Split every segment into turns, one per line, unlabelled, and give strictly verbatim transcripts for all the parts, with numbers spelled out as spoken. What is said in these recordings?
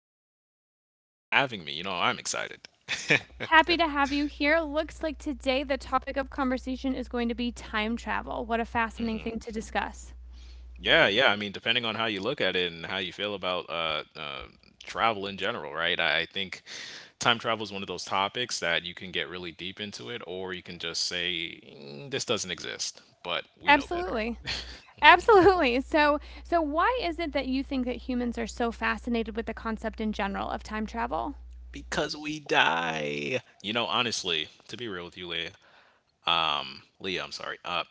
Thank you, thank you so much for having me. You know, I'm excited.
Happy to have you here. Looks like today the topic of conversation is going to be time travel. What a fascinating thing to discuss.
Yeah, yeah. I mean, depending on how you look at it and how you feel about uh, uh, travel in general, right? I I think time travel is one of those topics that you can get really deep into it, or you can just say, "Mm, this doesn't exist," but we know better
Absolutely. Absolutely. So, so why is it that you think that humans are so fascinated with the concept in general of time travel?
because we die. You know, honestly, to be real with you, Leah. Leah, I'm sorry. Uh,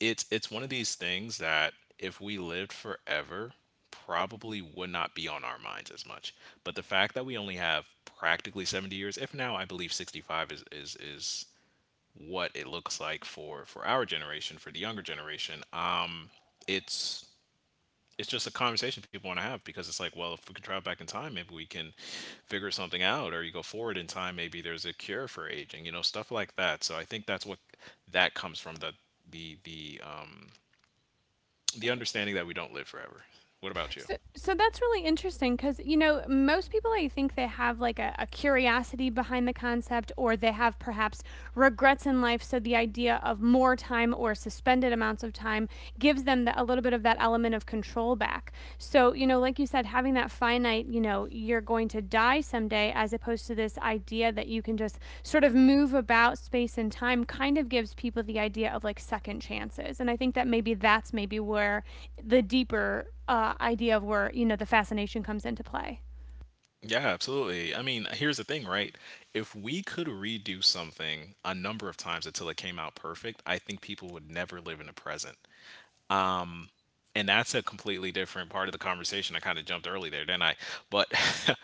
it's it's one of these things that if we lived forever, probably would not be on our minds as much. But the fact that we only have practically seventy years, if now I believe sixty-five is is is what it looks like for for our generation, for the younger generation, uh, it's it's just a conversation people want to have because it's like, well, if we can travel back in time, maybe we can figure something out, or you go forward in time, maybe there's a cure for aging, you know, stuff like that. So I think that's what that comes from the the the um, the understanding that we don't live forever. What about you?
So, so that's really interesting because, you know, most people, I think they have like a, a curiosity behind the concept, or they have perhaps regrets in life. So the idea of more time or suspended amounts of time gives them the, a little bit of that element of control back. So, you know, like you said, having having that finite, you know, you're going to die someday, as opposed to this idea that you can just sort of move about space and time, kind of gives people the idea of like second chances. And I think that maybe that's maybe where the deeper uh, idea of where, you know, the fascination comes into play.
Yeah, absolutely. I mean, here's the thing, right? If we could redo something a number of times until it came out perfect, I think people would never live in the present. And that's a completely different part of the conversation. I kind of jumped early there, didn't I? But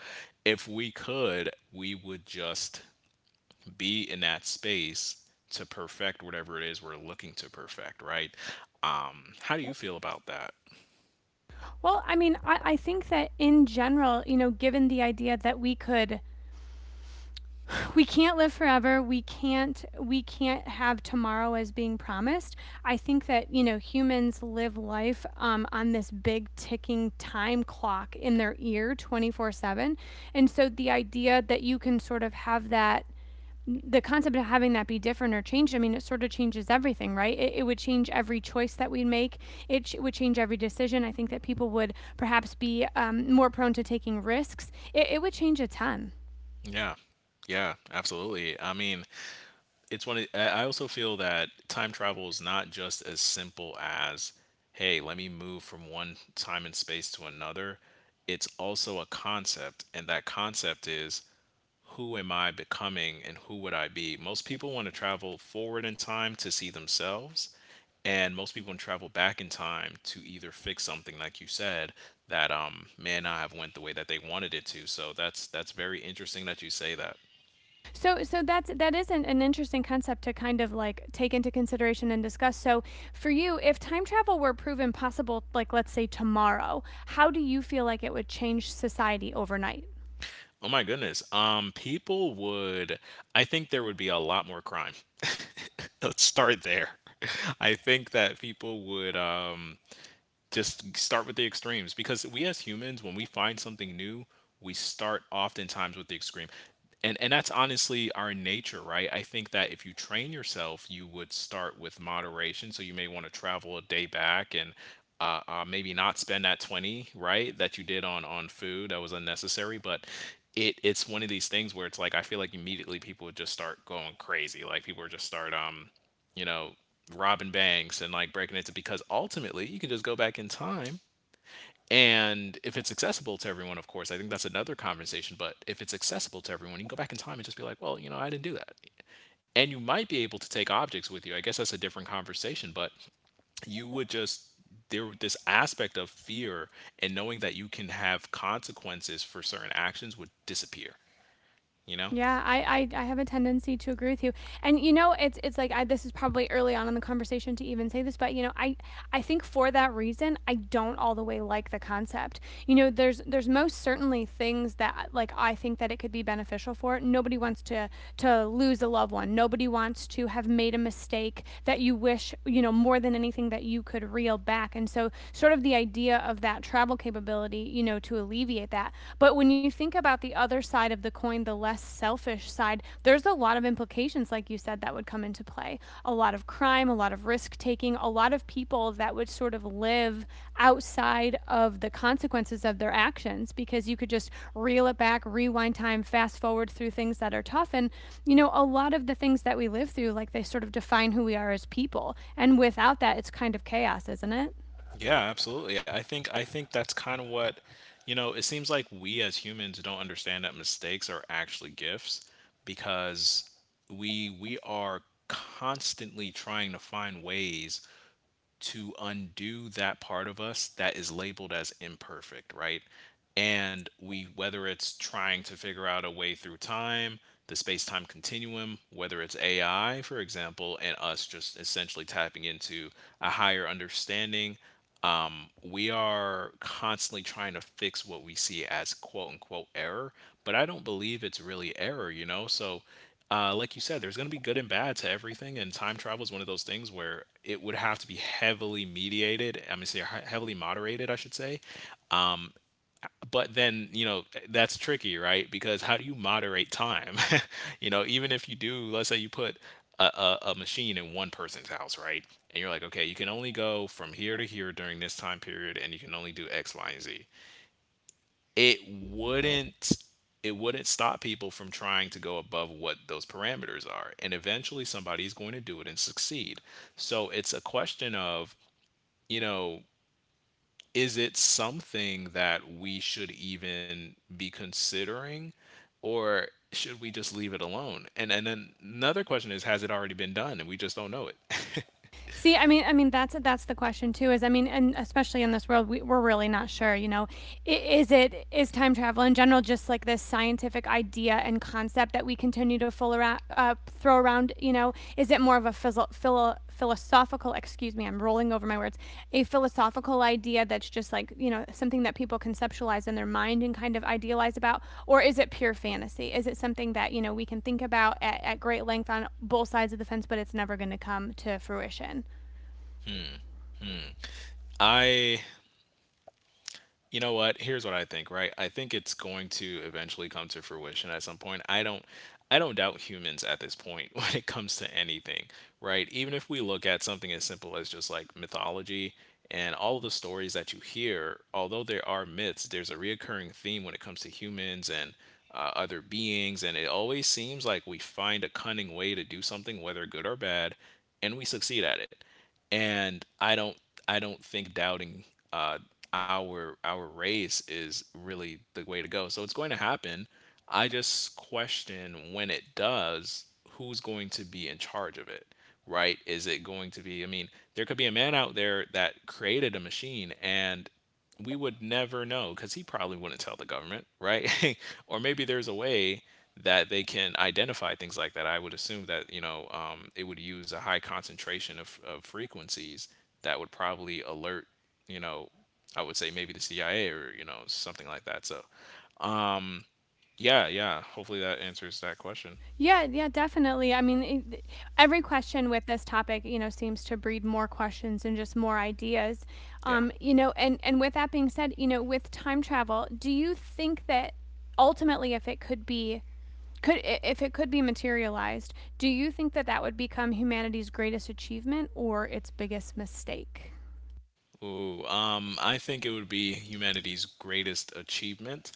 if we could, we would just be in that space to perfect whatever it is we're looking to perfect, right? Um, how do you feel about that?
Well, I mean, I, I think that in general, you know, given the idea that we could we can't live forever, we can't we can't have tomorrow as being promised. I think that, you know, humans live life um, on this big ticking time clock in their ear twenty four seven, and so the idea that you can sort of have that the concept of having that be different or changed, I mean, it sort of changes everything, right? It, it would change every choice that we make. It ch- would change every decision. I think that people would perhaps be um, more prone to taking risks. It, it would change a ton.
Yeah. Yeah, absolutely. I mean, it's one of, I I also feel that time travel is not just as simple as hey, let me move from one time and space to another. It's also a concept, and that concept is, who am I becoming and who would I be? Most people want to travel forward in time to see themselves, and most people want to travel back in time to either fix something, like you said, that um may not have went the way that they wanted it to. So that's that's very interesting that you say that.
So, so that's that is an, an interesting concept to kind of like take into consideration and discuss. So, for you, if time travel were proven possible, like let's say tomorrow, how do you feel like it would change society overnight?
Oh my goodness. Um, people would, I think there would be a lot more crime. Let's start there. I think that people would, um, just start with the extremes, because we as humans, when we find something new, we start oftentimes with the extreme. And and that's honestly our nature, right? I think that if you train yourself, you would start with moderation. So you may want to travel a day back and uh, uh, maybe not spend that twenty right that you did on on food that was unnecessary. But it it's one of these things where it's like, I feel like immediately people would just start going crazy, like people would just start, um you know, robbing banks and like breaking into, because ultimately you can just go back in time. And if it's accessible to everyone, of course, I think that's another conversation. But if it's accessible to everyone, you can go back in time and just be like, well, you know, I didn't do that. And you might be able to take objects with you. I guess that's a different conversation, but you would just, there, this aspect of fear and knowing that you can have consequences for certain actions would disappear, you know?
Yeah, I, I I have a tendency to agree with you. And you know, it's it's like I this is probably early on in the conversation to even say this, but you know, I I think for that reason, I don't all the way like the concept. You know, there's there's most certainly things that like I think that it could be beneficial for. Nobody wants to to lose a loved one. Nobody wants to have made a mistake that you wish, you know, more than anything that you could reel back. And so sort of the idea of that travel capability, you know, to alleviate alleviate that. But when you think about the other side of the coin, the less selfish side, there's a lot of implications, like you said, that would come into play. A lot of crime, a lot of risk taking, a lot of people that would sort of live outside of the consequences of their actions because you could just reel it back, rewind time, fast forward through things that are tough. And, you know, a lot of the things that we live through, like they sort of define who we are as people. And without that, it's kind of chaos, isn't it?
Yeah, absolutely. I think I think that's kind of what, you know, it seems like we as humans don't understand that mistakes are actually gifts, because we we are constantly trying to find ways to undo that part of us that is labeled as imperfect, right? And we, whether it's trying to figure out a way through time, the space-time continuum, whether it's A I, for example, and us just essentially tapping into a higher understanding, um, we are constantly trying to fix what we see as quote unquote error, but I don't believe it's really error, you know? So, uh, like you said, there's going to be good and bad to everything. And time travel is one of those things where it would have to be heavily mediated. I mean, say heavily moderated, I should say. But then, you know, that's tricky, right? Because how do you moderate time? You know, even if you do, let's say you put a, a, a machine in one person's house, right, and you're like, okay, you can only go from here to here during this time period, and you can only do X, Y, and Z. it wouldn't it wouldn't stop people from trying to go above what those parameters are, and eventually somebody's going to do it and succeed. So it's a question of, you know, is it something that we should even be considering, or should we just leave it alone? And and then another question is, has it already been done and we just don't know it?
See, I mean, I mean, that's that's the question too. Is I mean, and especially in this world, we, we're really not sure. You know, I- is it, is time travel in general just like this scientific idea and concept that we continue to fool around, uh, throw around? You know, is it more of a phil- phil- philosophical? Excuse me, I'm rolling over my words. A philosophical idea that's just like, you know, something that people conceptualize in their mind and kind of idealize about, or is it pure fantasy? Is it something that, you know, we can think about at, at great length on both sides of the fence, but it's never going to come to fruition?
I, you know what, here's what I think, right? I think it's going to eventually come to fruition at some point. I don't I don't doubt humans at this point. When it comes to anything, right, even if we look at something as simple as just like mythology and all of the stories that you hear, although there are myths, there's a reoccurring theme when it comes to humans and, uh, other beings, and it always seems like we find a cunning way to do something, whether good or bad, and we succeed at it. And I don't I don't think doubting uh, our our race is really the way to go. So it's going to happen. I just question, when it does, who's going to be in charge of it, right? Is it going to be? I mean, there could be a man out there that created a machine and we would never know, because he probably wouldn't tell the government, right? Or maybe there's a way that they can identify things like that. I would assume that, you know, um, it would use a high concentration of, of frequencies that would probably alert, you know, I would say maybe the C I A, or you know, something like that. So, um, yeah, yeah. Hopefully that answers that question.
Yeah, yeah, definitely. I mean, it, every question with this topic, you know, seems to breed more questions and just more ideas.
Yeah.
Um, you know, and and with that being said, you know, with time travel, do you think that ultimately if it could be could i- if it could be materialized, do you think that that would become humanity's greatest achievement or its biggest mistake?
Ooh, um, I think it would be humanity's greatest achievement,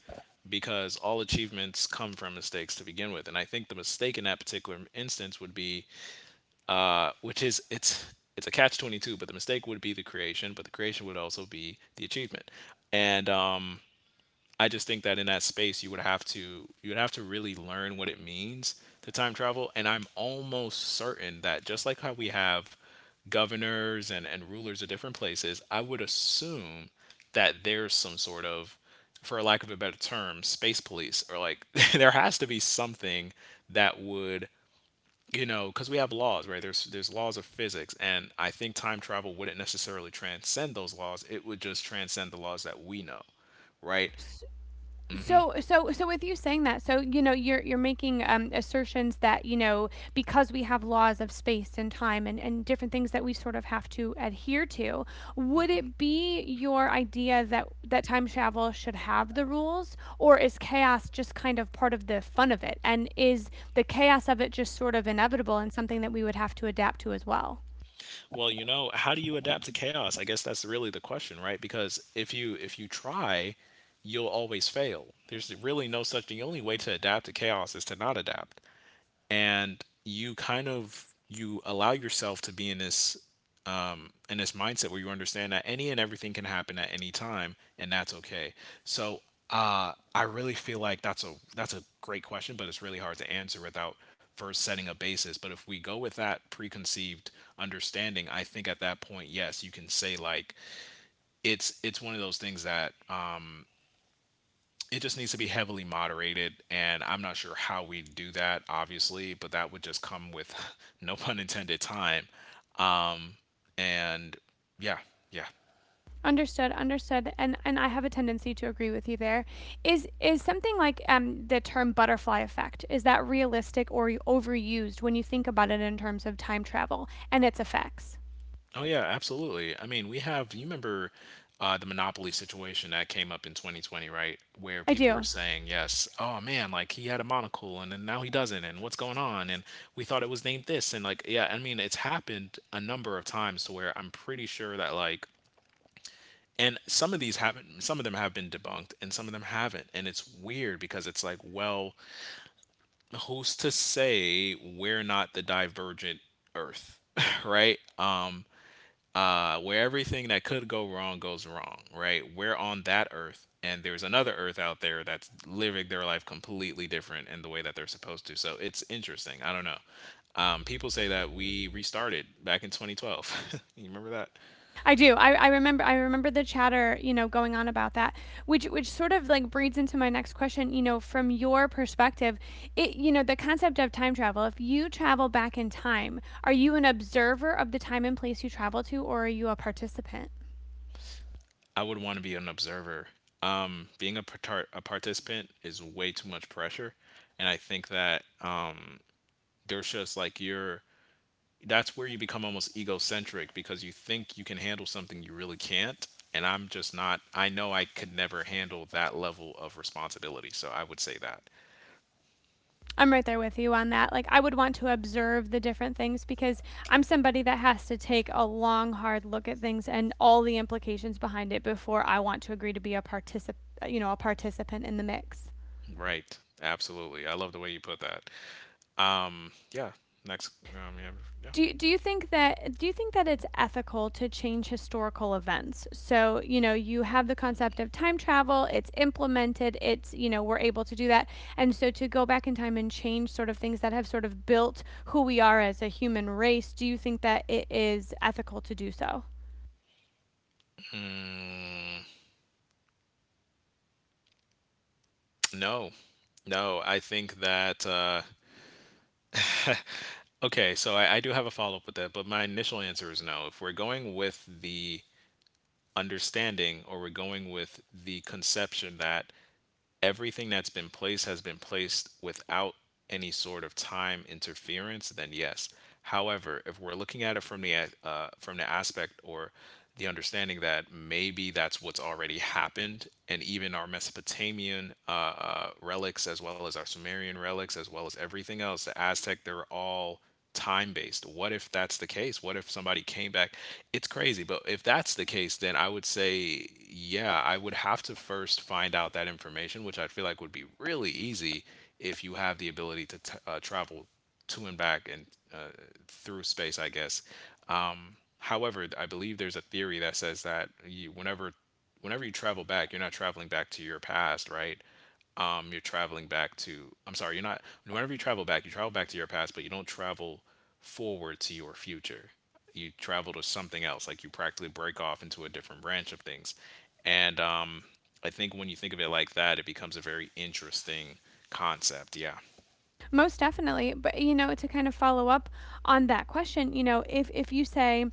because all achievements come from mistakes to begin with. And I think the mistake in that particular instance would be, uh, which is, it's it's a catch twenty two, but the mistake would be the creation, but the creation would also be the achievement. And um, I just think that in that space, you would have to you would have to really learn what it means to time travel. And I'm almost certain that, just like how we have governors and and rulers of different places, I would assume that there's some sort of, for lack of a better term, space police, or like, there has to be something that would, you know, cuz we have laws, right? There's there's laws of physics, and I think time travel wouldn't necessarily transcend those laws. It would just transcend the laws that we know, right?
so so so with you saying that, so you know, you're you're making um, assertions that, you know, because we have laws of space and time and, and different things that we sort of have to adhere to, would it be your idea that that time travel should have the rules, or is chaos just kind of part of the fun of it, and is the chaos of it just sort of inevitable and something that we would have to adapt to as well?
Well, you know, how do you adapt to chaos? I guess that's really the question, right? Because if you if you try, you'll always fail. There's really no such, the only way to adapt to chaos is to not adapt. And you kind of, you allow yourself to be in this in this mindset where you understand that any and everything can happen at any time, and that's okay. So, uh, I really feel like that's a that's a great question, but it's really hard to answer without first setting a basis. But if we go with that preconceived understanding, I think at that point, yes, you can say like, it's it's one of those things that, um, it just needs to be heavily moderated, and I'm not sure how we do that obviously, but that would just come with, no pun intended, time. Um and Yeah. Yeah.
Understood, understood, and and I have a tendency to agree with you there. Is is something like um, the term butterfly effect? Is that realistic or overused when you think about it in terms of time travel and its effects?
Oh yeah, absolutely. I mean, we have. You remember, uh, the monopoly situation that came up in twenty twenty, right? Where
I
people were
do.
saying, "Yes, oh man, like he had a monocle, and then now he doesn't, and what's going on?" And we thought it was named this, and like, yeah, I mean, it's happened a number of times to where I'm pretty sure that like, and some of these haven't, some of them have been debunked, and some of them haven't. And it's weird because it's like, well, who's to say we're not the divergent Earth, right? Um, uh, where everything that could go wrong goes wrong, right? We're on that earth, and there's another earth out there that's living their life completely different in the way that they're supposed to. So it's interesting. I don't know. Um, people say that we restarted back in twenty twelve. You remember that?
I do. I, I remember, I remember the chatter, you know, going on about that. Which which sort of like breeds into my next question, you know, from your perspective, it you know, the concept of time travel, if you travel back in time, are you an observer of the time and place you travel to or are you a participant?
I would want to be an observer. Um, being a, partar- a participant is way too much pressure. And I think that um, there's just like your that's where you become almost egocentric because you think you can handle something you really can't. And I'm just not, I know I could never handle that level of responsibility. So I would say that.
I'm right there with you on that. Like, I would want to observe the different things because I'm somebody that has to take a long, hard look at things and all the implications behind it before I want to agree to be a particip- you know, a participant in the mix.
Right. Absolutely. I love the way you put that. Um, yeah. Next. Um, yeah. Yeah.
Do, do you think that do you think that it's ethical to change historical events? So, you know, you have the concept of time travel, it's implemented, it's, you know, we're able to do that. And so to go back in time and change sort of things that have sort of built who we are as a human race, do you think that it is ethical to do so?
No. No. I think that, uh, okay. So I, I do have a follow up with that, but my initial answer is no. If we're going with the understanding, or we're going with the conception that everything that's been placed has been placed without any sort of time interference, then yes. However, if we're looking at it from the uh, from the aspect, or the understanding that maybe that's what's already happened, and even our Mesopotamian uh, uh, relics, as well as our Sumerian relics, as well as everything else, the Aztec, they're all time based. What if that's the case? What if somebody came back? It's crazy, but if that's the case, then I would say, yeah, I would have to first find out that information, which I feel like would be really easy if you have the ability to t- uh, travel to and back, and uh, through space, I guess. Um, however, I believe there's a theory that says that you, whenever whenever you travel back, you're not traveling back to your past, right? um, you're traveling back to, I'm sorry, you're not whenever you travel back, you travel back to your past, but you don't travel forward to your future. You travel to something else, like you practically break off into a different branch of things. And um, I think when you think of it like that, it becomes a very interesting concept. Yeah,
Most definitely. But you know, to kind of follow up on that question, you know, if if you say,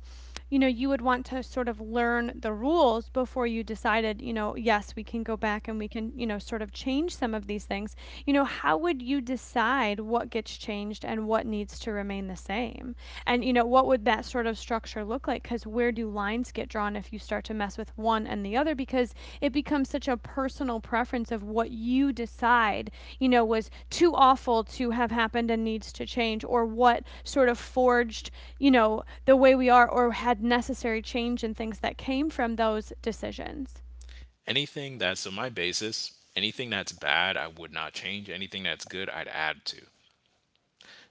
you know, you would want to sort of learn the rules before you decided, you know, yes, we can go back and we can, you know, sort of change some of these things, you know, how would you decide what gets changed and what needs to remain the same? And, you know, what would that sort of structure look like? Because where do lines get drawn if you start to mess with one and the other? Because it becomes such a personal preference of what you decide, you know, was too awful to have happened and needs to change, or what sort of forged, you know, the way we are or had necessary change in things that came from those decisions.
anything that's on my basis, anything that's bad, I would not change. Anything that's good, I'd add to.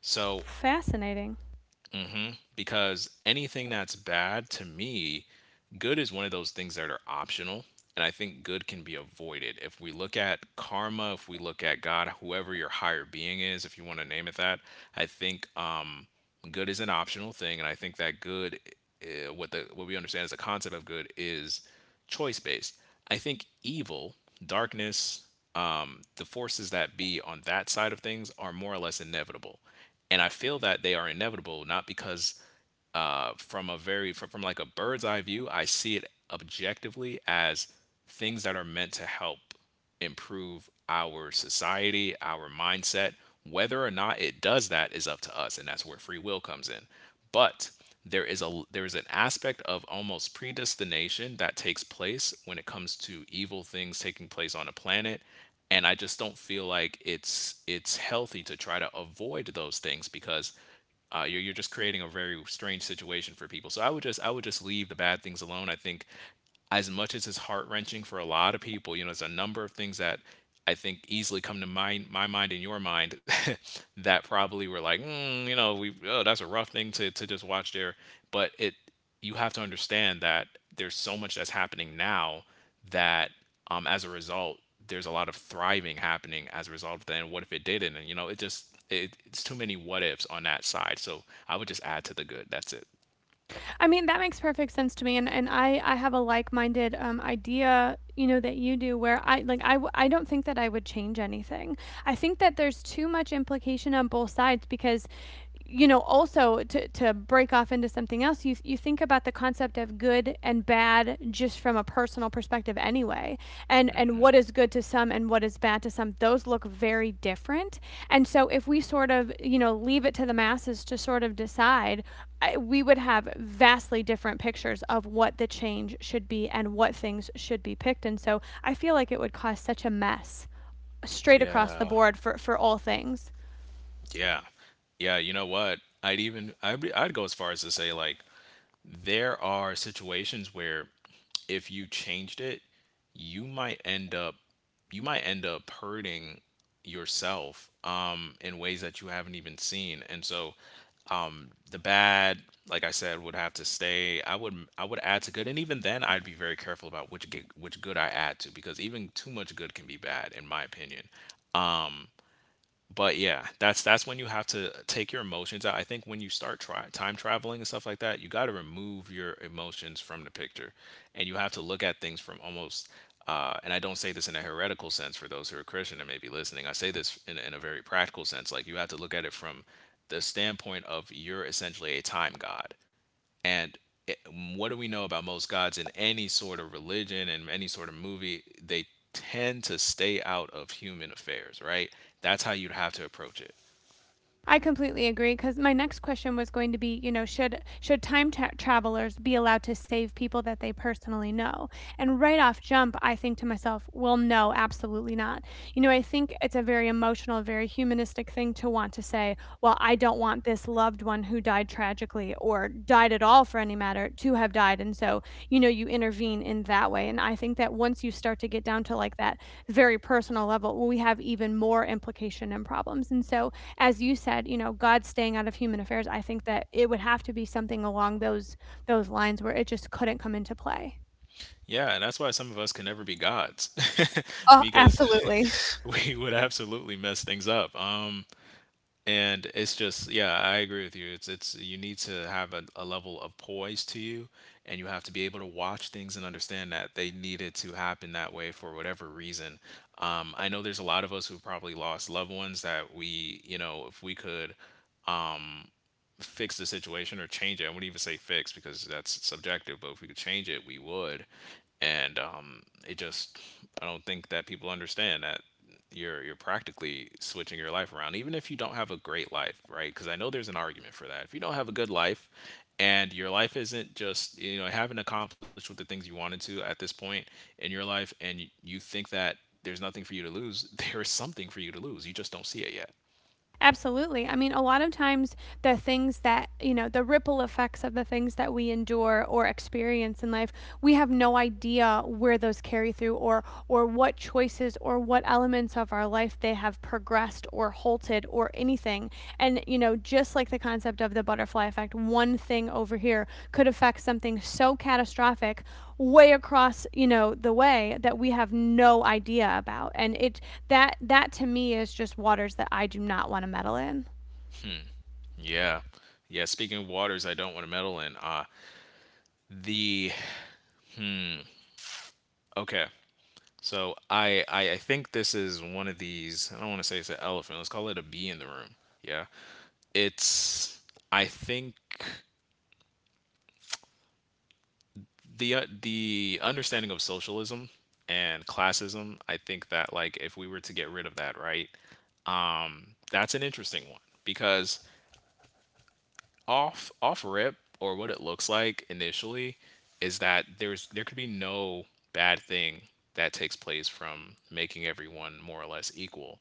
So
Fascinating.
because anything that's bad to me, good is one of those things that are optional. And I think good can be avoided. If we look at karma, if we look at God, whoever your higher being is, if you want to name it that, I think um, good is an optional thing. And I think that good, uh, what the what we understand as a concept of good is choice based. I think evil, darkness, um, the forces that be on that side of things are more or less inevitable. And I feel that they are inevitable not because, uh, from a very from, from like a bird's eye view, I see it objectively as things that are meant to help improve our society, our mindset. Whether or not it does that is up to us, and that's where free will comes in. But there is a there is an aspect of almost predestination that takes place when it comes to evil things taking place on a planet. And I just don't feel like it's it's healthy to try to avoid those things because, uh, you're, you're just creating a very strange situation for people. So i would just I would just leave the bad things alone, I think. As much as it's heart wrenching for a lot of people, you know, there's a number of things that I think easily come to mind, my mind and your mind, that probably were like, mm, you know, we oh, that's a rough thing to to just watch there. But it, you have to understand that there's so much that's happening now that, um, as a result, there's a lot of thriving happening as a result of that. And what if it didn't? And you know, it just it, it's too many what ifs on that side. So I would just add to the good. That's it.
I mean, that makes perfect sense to me. And, and I, I have a like-minded um, idea, you know, that you do, where I like, I, w- I don't think that I would change anything. I think that there's too much implication on both sides because, you know, also to, to break off into something else, you, you think about the concept of good and bad just from a personal personal perspective anyway. And and what is good to some and what is bad to some, those look very different. And so if we sort of, you know, leave it to the masses to sort of decide, we would have vastly different pictures of what the change should be and what things should be picked. And so I feel like it would cause such a mess straight across the
Yeah.
board for, for all things.
Yeah. Yeah, you know what? I'd even I'd be, I'd go as far as to say like there are situations where if you changed it, you might end up you might end up hurting yourself um in ways that you haven't even seen. And so the bad, like I said, would have to stay. I would I would add to good, and even then I'd be very careful about which ge- which good I add to, because even too much good can be bad in my opinion. But yeah, that's that's when you have to take your emotions out. I think when you start try, time traveling and stuff like that, you got to remove your emotions from the picture, and you have to look at things from almost. Uh, and I don't say this in a heretical sense for those who are Christian and may be listening. I say this in, in a very practical sense. Like you have to look at it from the standpoint of you're essentially a time god. And it, what do we know about most gods in any sort of religion and any sort of movie? They tend to stay out of human affairs, right? That's how you'd have to approach it.
I completely agree because my next question was going to be, you know, should should time tra- travelers be allowed to save people that they personally know? And right off jump, I think to myself, well, no, absolutely not. You know, I think it's a very emotional, very humanistic thing to want to say, well, I don't want this loved one who died tragically or died at all for any matter to have died, and so you know, you intervene in that way. And I think that once you start to get down to like that very personal level, well, we have even more implication and problems. And so, as you said, you know, God staying out of human affairs, I think that it would have to be something along those those lines where it just couldn't come into play.
Yeah, and that's why some of us can never be gods
Oh,
because
absolutely.
we would absolutely mess things up. Um, and it's just yeah, I agree with you. it's it's you need to have a, a level of poise to you, and you have to be able to watch things and understand that they needed to happen that way for whatever reason. um, I know there's a lot of us who probably lost loved ones that we, you know, if we could fix the situation or change it, I wouldn't even say fix because that's subjective, but if we could change it, we would. And um, it just, I don't think that people understand that you're you're practically switching your life around, even if you don't have a great life, right? Because I know there's an argument for that. If you don't have a good life, and your life isn't just, you know, haven't accomplished what the things you wanted to at this point in your life, and you, you think that there's nothing for you to lose, there is something for you to lose. You just don't see it yet.
Absolutely. I mean, a lot of times the things that, you know, the ripple effects of the things that we endure or experience in life, we have no idea where those carry through or or what choices or what elements of our life they have progressed or halted or anything anything. And, you know, just like the concept of the butterfly effect, one thing over here could affect something so catastrophic way across, you know, the way that we have no idea about. And it that that to me is just waters that I do not want to meddle in.
Hmm. Yeah. Yeah. Speaking of waters, I don't want to meddle in. Uh, the hmm. Okay. So I, I I think this is one of these. I don't want to say it's an elephant. Let's call it a bee in the room. Yeah. It's I think the uh, the understanding of socialism and classism. I think that like if we were to get rid of that, right? Um, that's an interesting one because off off rip, or what it looks like initially is that there's there could be no bad thing that takes place from making everyone more or less equal.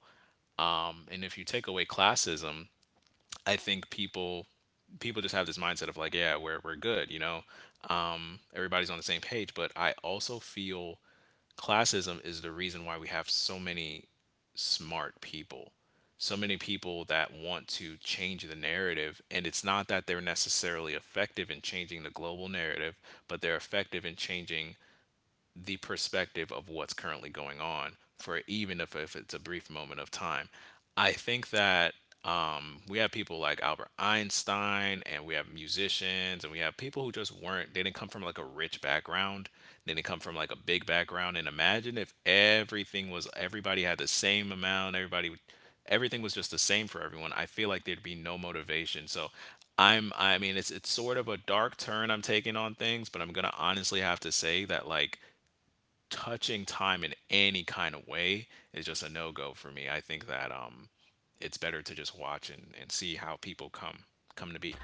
Um, and if you take away classism, I think people people just have this mindset of like, yeah, we're we're good, you know, um, everybody's on the same page. But I also feel classism is the reason why we have so many smart people, so many people that want to change the narrative. And it's not that they're necessarily effective in changing the global narrative, but they're effective in changing the perspective of what's currently going on for, even if, if it's a brief moment of time. I think that um, we have people like Albert Einstein, and we have musicians, and we have people who just weren't, they didn't come from like a rich background. They didn't come from like a big background. And imagine if everything was, everybody had the same amount, everybody, everything was just the same for everyone. I feel like there'd be no motivation. So i'm I mean, it's it's sort of a dark turn I'm taking on things, but I'm gonna honestly have to say that like touching time in any kind of way is just a no-go for me. I think that um it's better to just watch and, and see how people come come to be.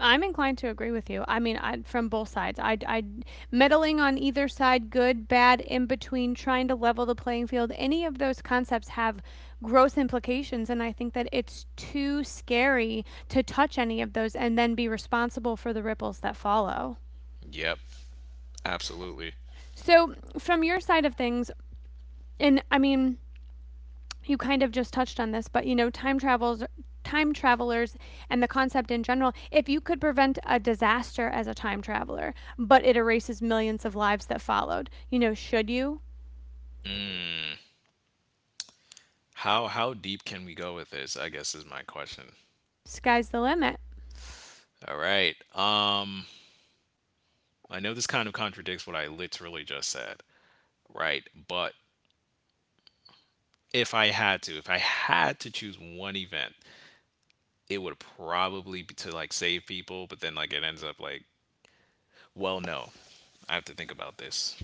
I'm inclined to agree with you. I mean, I, from both sides, I, I meddling on either side, good, bad, in between, trying to level the playing field. Any of those concepts have gross implications, and I think that it's too scary to touch any of those and then be responsible for the ripples that follow.
Yep, absolutely.
So, from your side of things, and I mean, you kind of just touched on this, but you know, time travels time travelers and the concept in general, if you could prevent a disaster as a time traveler, but it erases millions of lives that followed, you know, should you?
How how deep can we go with this? I guess is my question.
Sky's the limit.
All right. Um I know this kind of contradicts what I literally just said, right? But if I had to, if I had to choose one event, it would probably be to like save people, but then like it ends up like, well, no. I have to think about this.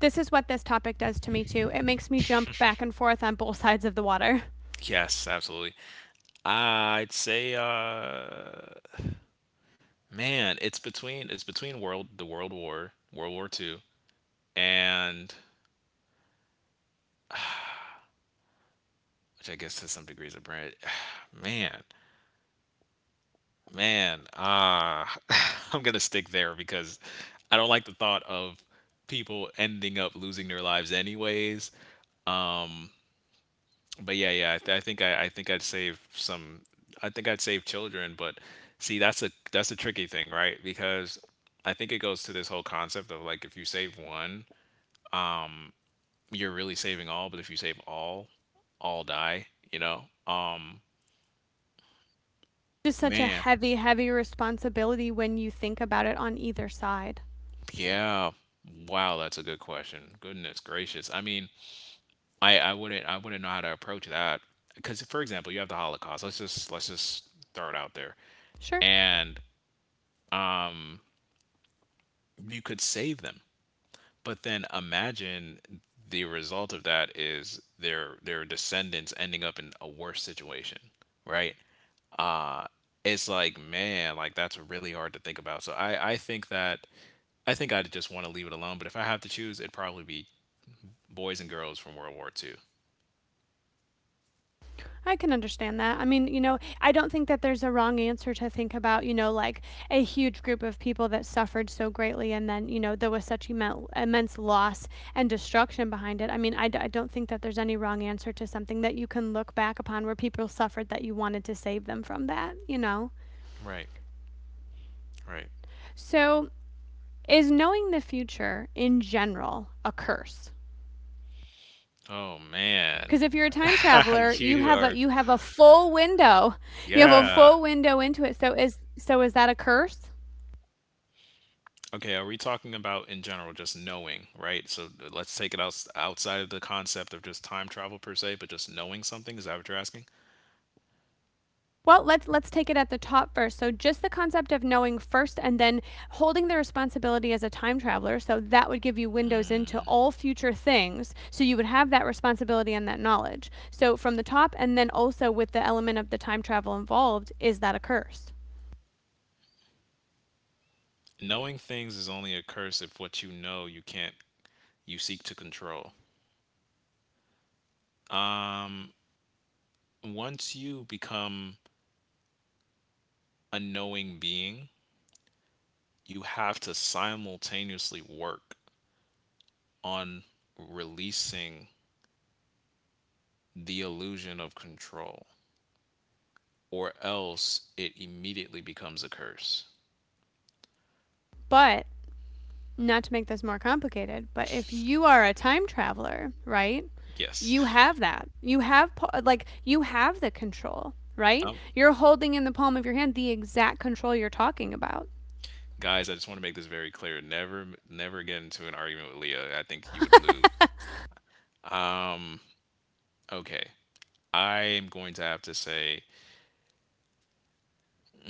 This is what this topic does to me too. It makes me jump back and forth on both sides of the water.
Yes, absolutely. I'd say, uh, man, it's between it's between world the World War, World War Two, and which I guess to some degrees a brand. Man, man, uh, I'm gonna stick there because I don't like the thought of people ending up losing their lives anyways. But yeah, yeah, I, th- I think I, I think I'd save some. I think I'd save children. But see, that's a that's a tricky thing, right? Because I think it goes to this whole concept of like if you save one, you're really saving all. But if you save all, all die. You know, um,
Just such a
man,
heavy, heavy responsibility when you think about it on either side.
yeah, wow, that's a good question. Goodness gracious. I mean, I I wouldn't I wouldn't know how to approach that because, for example, you have the Holocaust. Let's just let's just throw it out there,
Sure.
and you could save them. But then imagine the result of that is their their descendants ending up in a worse situation, right? Uh it's like, man, like that's really hard to think about. So I I think that I think I'd just want to leave it alone, but if I have to choose, it'd probably be boys and girls from World War two.
I can understand that. I mean, you know, I don't think that there's a wrong answer to think about, you know, like a huge group of people that suffered so greatly and then, you know, there was such immen- immense loss and destruction behind it. I mean, I, d- I don't think that there's any wrong answer to something that you can look back upon where people suffered that you wanted to save them from that, you know?
Right, right.
So, is knowing the future in general a curse?
Oh man.
Because if you're a time traveler, you
you
have a
are
you have a full window. You have a
yeah.
full window into it. So is so is that a curse?
Okay, are we talking about in general just knowing, right? So uh, let's take it out outside of the concept of just time travel per se, but just knowing something. Is that what you're asking?
Well, let's let's take it at the top first. So just the concept of knowing first and then holding the responsibility as a time traveler. So that would give you windows into all future things. So you would have that responsibility and that knowledge. So from the top and then also with the element of the time travel involved, is that a curse?
Knowing things is only a curse if what you know you can't, you seek to control. Once you become a knowing being, you have to simultaneously work on releasing the illusion of control, or else it immediately becomes a curse.
But not to make this more complicated, but if you are a time traveler, right?
Yes.
You have that. You have like you have the control, right? You're holding in the palm of your hand the exact control you're talking about.
Guys, I just want to make this very clear. Never, never get into an argument with Leah. I think you would lose. Um, okay. I am going to have to say,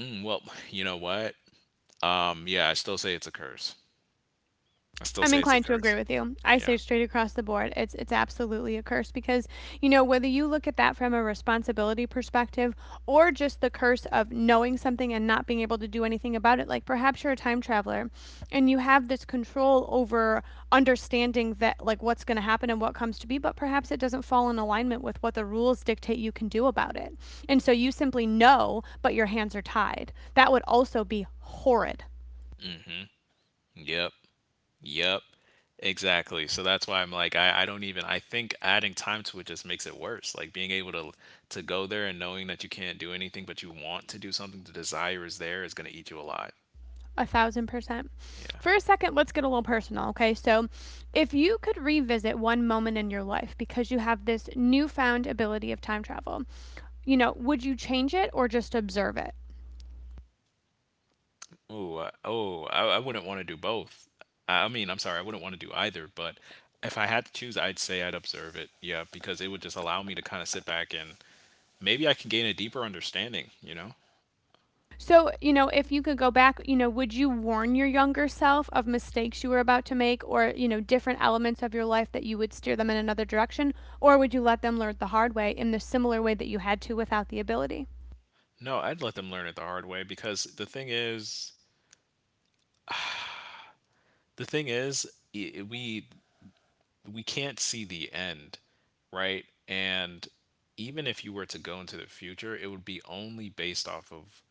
mm, well, you know what? Um, yeah, I still say it's a curse. I still
I'm
say it's a
inclined to
curse.
agree with you. I
Yeah.
say straight across the board, it's it's absolutely a curse because you know whether you look at that from a responsibility perspective or just the curse of knowing something and not being able to do anything about it. Like perhaps you're a time traveler and you have this control over understanding that like what's going to happen and what comes to be, but perhaps it doesn't fall in alignment with what the rules dictate you can do about it. And so you simply know, but your hands are tied. That would also be horrid.
Yep. Yep. Exactly. So that's why I'm like, I, I don't even, I think adding time to it just makes it worse. Like being able to to go there and knowing that you can't do anything, but you want to do something, the desire is there, is going to eat you alive.
A thousand percent.
Yeah.
For a second, let's get a little personal, okay? So, if you could revisit one moment in your life because you have this newfound ability of time travel, you know, would you change it or just observe it?
Ooh, I, oh, I, I wouldn't want to do both. I, I mean, I'm sorry, I wouldn't want to do either, but if I had to choose, I'd say I'd observe it. Yeah, because it would just allow me to kind of sit back and maybe I can gain a deeper understanding, you know?
So, you know, if you could go back, you know, would you warn your younger self of mistakes you were about to make or, you know, different elements of your life that you would steer them in another direction? Or would you let them learn the hard way in the similar way that you had to without the ability?
No, I'd let them learn it the hard way, because the thing is, the thing is, I we we can't see the end, right? And even if you were to go into the future, it would be only based off of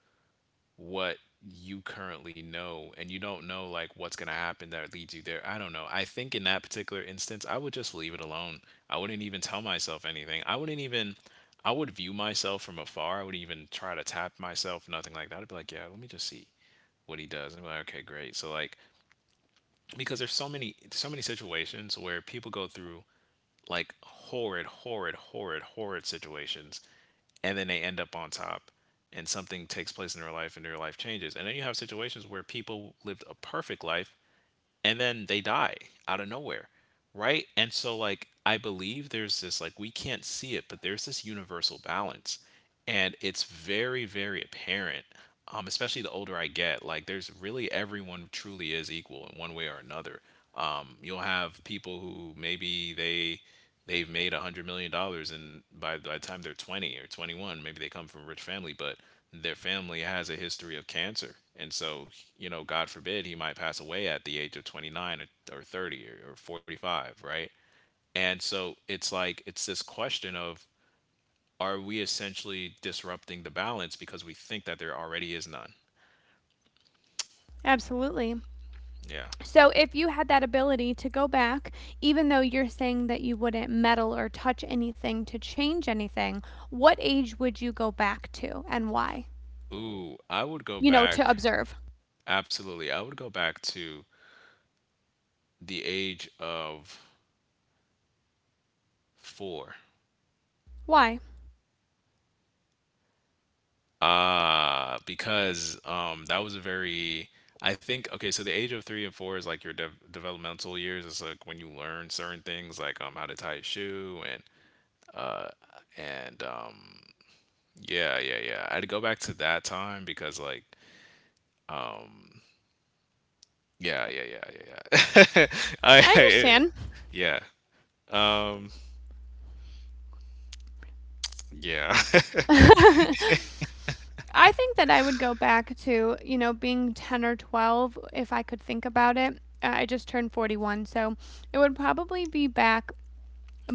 what you currently know, and you don't know like what's going to happen that leads you there. I don't know. I think in that particular instance, I would just leave it alone. I wouldn't even tell myself anything. I wouldn't even I would view myself from afar. I wouldn't even try to tap myself, nothing like that. I'd be like, yeah, let me just see what he does. I'm like, okay, great. So like because there's so many so many situations where people go through like horrid, horrid, horrid, horrid situations, and then they end up on top, and something takes place in their life and their life changes. And then you have situations where people lived a perfect life and then they die out of nowhere, right? And so, like, I believe there's this, like, we can't see it, but there's this universal balance, and it's very, very apparent. Um, especially the older I get, like there's really, everyone truly is equal in one way or another. Um, you'll have people who maybe they they've made a hundred million dollars, and by by the time they're twenty or twenty one, maybe they come from a rich family, but their family has a history of cancer. And so, you know, God forbid, he might pass away at the age of twenty-nine, or, or thirty, or, or forty-five, right? And so it's like, it's this question of, are we essentially disrupting the balance because we think that there already is none?
Absolutely.
Yeah.
So, if you had that ability to go back, even though you're saying that you wouldn't meddle or touch anything to change anything, what age would you go back to and why?
Ooh, I would go
You know,
back.
to observe.
Absolutely. I would go back to the age of four.
Why?
Ah, because um, that was a very, I think, okay, so the age of three and four is like your dev developmental years. It's like when you learn certain things, like um, how to tie a shoe and and um, yeah, yeah, yeah. I had to go back to that time because like, yeah, yeah, yeah, yeah, yeah. I,
I
I-
understand.
yeah, um, yeah.
I think that I would go back to, you know, being ten or twelve if I could think about it. Uh, I just turned forty-one, so it would probably be back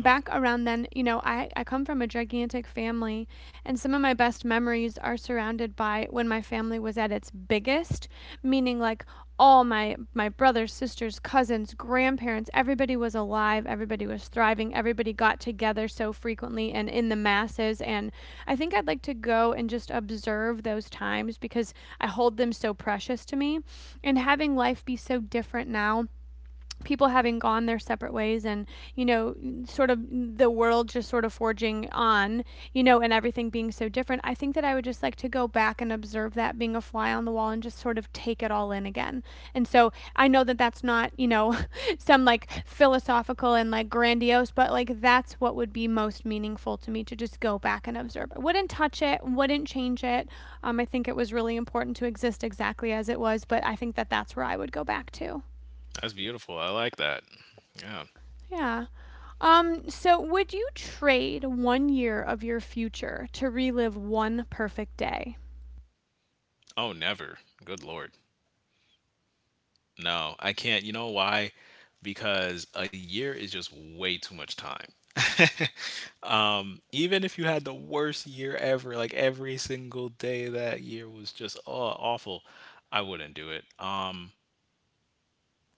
Oh,
around then, you know, I, I come from a gigantic family, and some of my best memories are surrounded by when my family was at its biggest, meaning like all my my brothers, sisters, cousins, grandparents, everybody was alive, everybody was thriving, everybody got together so frequently and in the masses, and I think I'd like to go and just observe those times because I hold them so precious to me, and having life be so different now, people having gone their separate ways and, you know, sort of the world just sort of forging on, you know, and everything being so different, I think that I would just like to go back and observe that, being a fly on the wall and just sort of take it all in again. And so I know that that's not, you know, some like philosophical and like grandiose, but like that's what would be most meaningful to me, to just go back and observe. I wouldn't touch it, wouldn't change it. Um, I think it was really important to exist exactly as it was, but I think that that's where I would go back to.
that's beautiful. I like that. Yeah.
Yeah. Um, so would you trade one year of your future to relive one perfect day?
Oh, never. Good Lord. No, I can't. You know why? Because a year is just way too much time. Um, even if you had the worst year ever, like every single day of that year was just, oh, awful, I wouldn't do it. Um,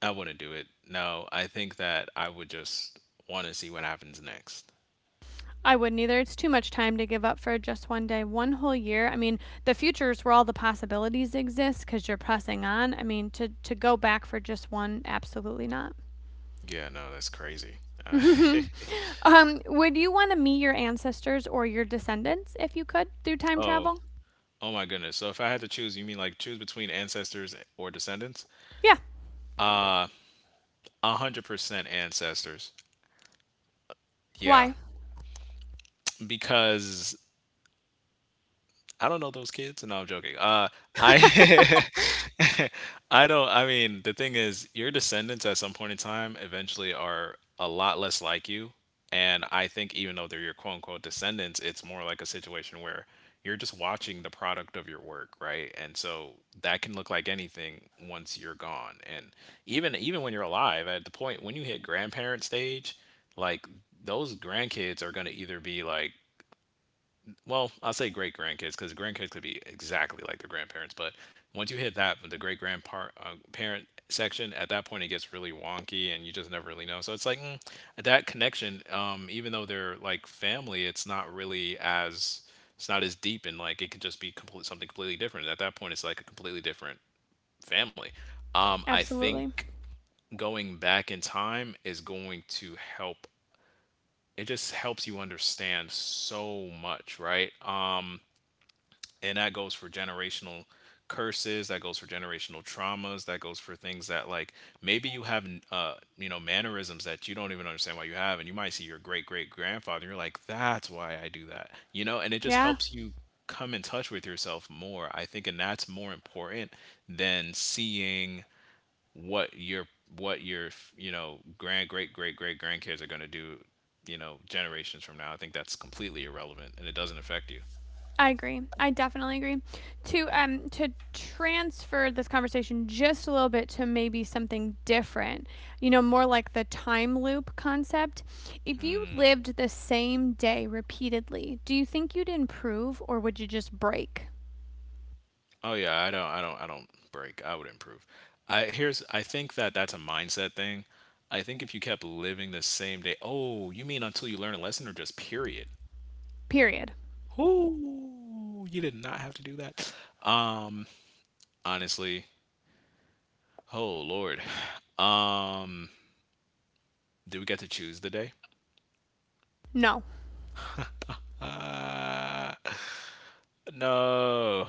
I wouldn't do it. No, I think that I would just want to see what happens next.
I wouldn't either. It's too much time to give up for just one day, one whole year. I mean, the future is where all the possibilities exist because you're pressing on. I mean, to, to go back for just one, absolutely not.
Yeah, no, that's crazy. Uh,
Um, would you want to meet your ancestors or your descendants if you could through time
oh,
travel?
oh my goodness. So if I had to choose, you mean like choose between ancestors or descendants?
Yeah.
Uh, one hundred percent ancestors. Yeah,
Why?
because I don't know those kids. No, I'm joking. Uh, I I don't. I mean, the thing is, your descendants at some point in time eventually are a lot less like you. And I think even though they're your quote unquote descendants, it's more like a situation where you're just watching the product of your work, right? And so that can look like anything once you're gone. And even even when you're alive, at the point when you hit grandparent stage, like those grandkids are going to either be like, well, I'll say great grandkids because the grandkids could be exactly like their grandparents. But once you hit that, the great grandparent uh, parent section, at that point it gets really wonky and you just never really know. So it's like, mm, that connection, um, even though they're like family, it's not really as, it's not as deep, and like it could just be complete, something completely different. At that point, it's like a completely different family. Um, I
Absolutely.
think going back in time is going to help. It just helps you understand so much, right? And that goes for generational curses, that goes for generational traumas, that goes for things that like, maybe you have uh you know, mannerisms that you don't even understand why you have, and you might see your great great grandfather, you're like, that's why I do that, you know? And it just
Yeah.
helps you come in touch with yourself more, I think, and that's more important than seeing what your what your you know, grand great great great grandkids are going to do, you know, generations from now. I think that's completely irrelevant and it doesn't affect you.
I agree. I definitely agree. To
Yeah.
um to transfer this conversation just a little bit to maybe something different. You know, more like the time loop concept. If you lived the same day repeatedly, do you think you'd improve or would you just break?
Oh yeah, I don't I don't I don't break. I would improve. I Here's, I think that that's a mindset thing. I think if you kept living the same day, oh, you mean until you learn a lesson or just period?
Period.
Ooh, you did not have to do that. Honestly, oh Lord, do we get to choose the day?
No.
No.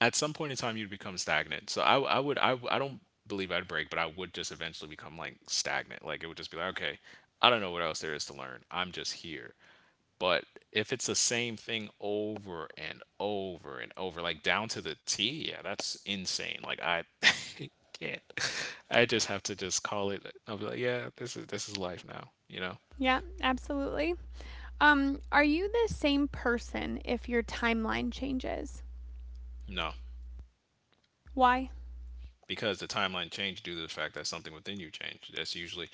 At some point in time you'd become stagnant. So I, I would I, I w- I would I, w- I don't believe I'd break, but I would just eventually become like stagnant. Like it would just be like, okay, I don't know what else there is to learn. I'm just here. But if it's the same thing over and over and over, like down to the T, yeah, that's insane. Like I can't. I just have to just call it. I'll be like, yeah, this is this is life now. You know?
Yeah, absolutely. Um, are you the same person if your timeline changes?
No.
Why?
Because the timeline changed due to the fact that something within you changed. That's usually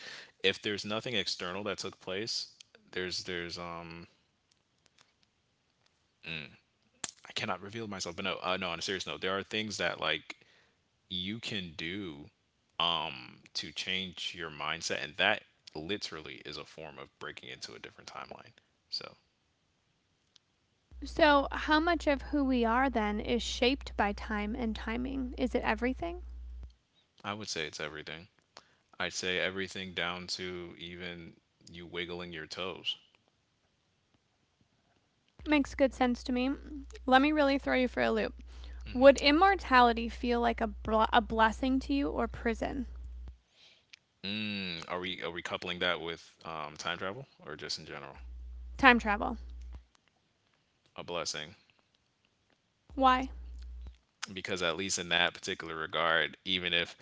if there's nothing external that took place. There's there's um I cannot reveal myself, but no, uh, no. On a serious note, there are things that like you can do um to change your mindset, and that literally is a form of breaking into a different timeline. So
So, how much of who we are then is shaped by time and timing? Is it everything?
I would say it's everything. I'd say everything down to even you wiggling your toes.
Makes good sense to me. Let me really throw you for a loop. Would immortality feel like a, bl- a blessing to you or prison?
Mm, are we are we coupling that with um, time travel or just in general?
Time travel.
A blessing,
Why?
because at least in that particular regard, even if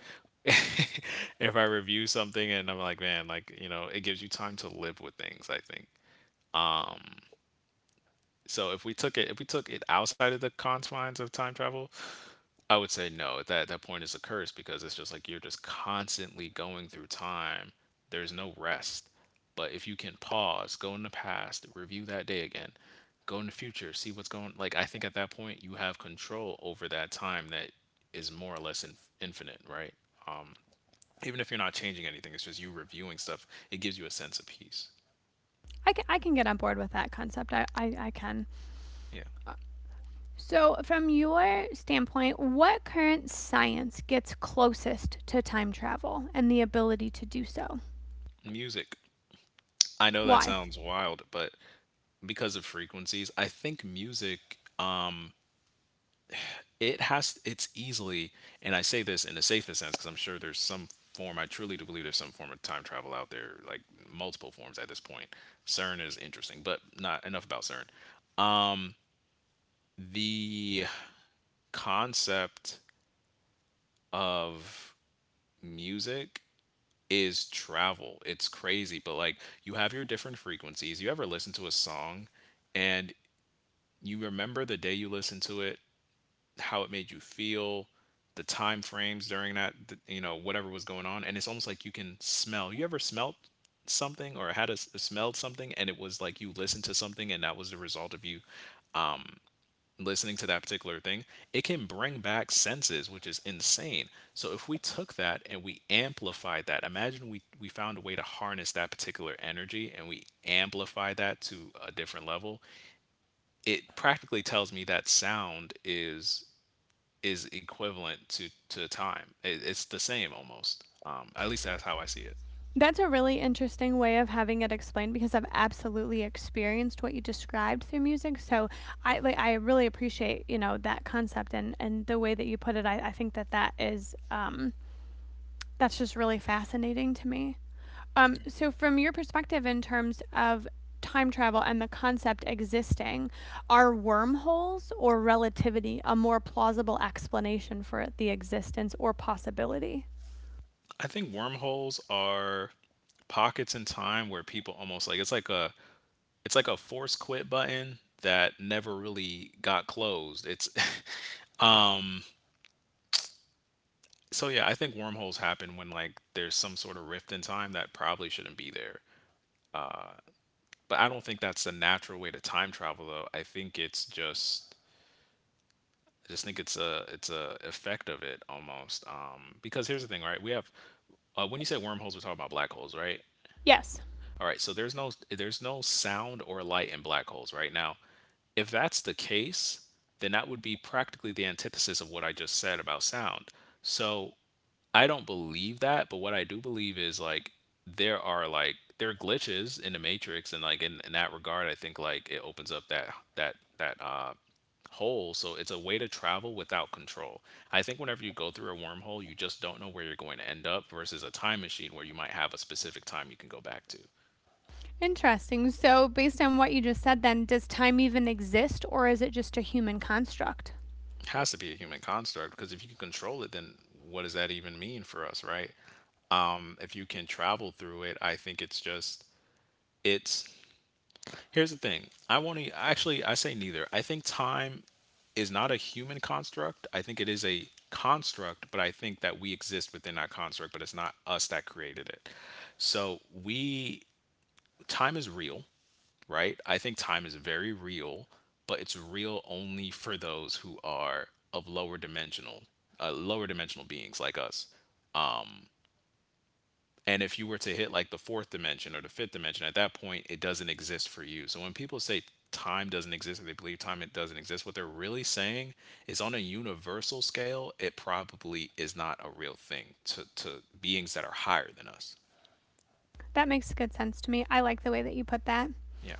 if I review something and I'm like, man, like, you know, it gives you time to live with things, I think. So if we took it if we took it outside of the confines of time travel, I would say no. That that point is a curse because it's just like you're just constantly going through time. There's no rest. But if you can pause, go in the past, review that day again, go in the future, see what's going. Like I think at that point you have control over that time that is more or less inf- infinite, right? Even if you're not changing anything, it's just you reviewing stuff. It gives you a sense of peace.
I ca- I can get on board with that concept. I, I, I can.
Yeah.
So, from your standpoint, what current science gets closest to time travel and the ability to do so?
Music. I know that
Why?
sounds wild, but because of frequencies, I think music it has it's easily, and i say this in the safest sense because I'm sure there's some form. I truly do believe there's some form of time travel out there, like multiple forms at this point. CERN is interesting, but not enough about CERN. The concept of music is travel. It's crazy, but like you have your different frequencies. You ever listen to a song and you remember the day you listened to it, how it made you feel, the time frames during that th- you know whatever was going on, and it's almost like you can smell. You ever smelt something or had a, s- smelled something, and it was like you listened to something and that was the result of you listening to that particular thing. It can bring back senses, which is insane. So if we took that and we amplified that, imagine we we found a way to harness that particular energy and we amplify that to a different level. It practically tells me that sound is is equivalent to to time. It, it's the same almost. Um, at least that's how I see it.
That's a really interesting way of having it explained because I've absolutely experienced what you described through music. So I like I really appreciate, you know, that concept and and the way that you put it. I, I think that that is um that's just really fascinating to me. Um, so from your perspective in terms of time travel and the concept existing, are wormholes or relativity a more plausible explanation for the existence or possibility?
I think wormholes are pockets in time where people almost like it's like a it's like a force quit button that never really got closed. It's so yeah, I think wormholes happen when like there's some sort of rift in time that probably shouldn't be there. But I don't think that's the natural way to time travel though. I think it's just I just think it's a it's a effect of it almost. Um, because here's the thing, right? We have uh, when you say wormholes, we're talking about black holes, right?
Yes.
All right. So there's no there's no sound or light in black holes right now. If that's the case, then that would be practically the antithesis of what I just said about sound. So I don't believe that, but what I do believe is like there are like there are glitches in the matrix, and like in, in that regard I think like it opens up that that that uh hole. So it's a way to travel without control. I think whenever you go through a wormhole, you just don't know where you're going to end up versus a time machine where you might have a specific time you can go back to.
Interesting. So, based on what you just said, then, does time even exist or is it just a human construct?
Has to be a human construct because if you can control it, then what does that even mean for us, right? Um, if you can travel through it, I think it's just it's here's the thing. I want to actually I say neither. I think time is not a human construct. I think it is a construct, but I think that we exist within that construct, but it's not us that created it. So, we time is real, right? I think time is very real, but it's real only for those who are of lower dimensional, uh, lower dimensional beings like us. And if you were to hit like the fourth dimension or the fifth dimension, at that point, it doesn't exist for you. So when people say time doesn't exist or they believe time it doesn't exist, what they're really saying is on a universal scale, it probably is not a real thing to, to beings that are higher than us.
That makes good sense to me. I like the way that you put that.
Yeah.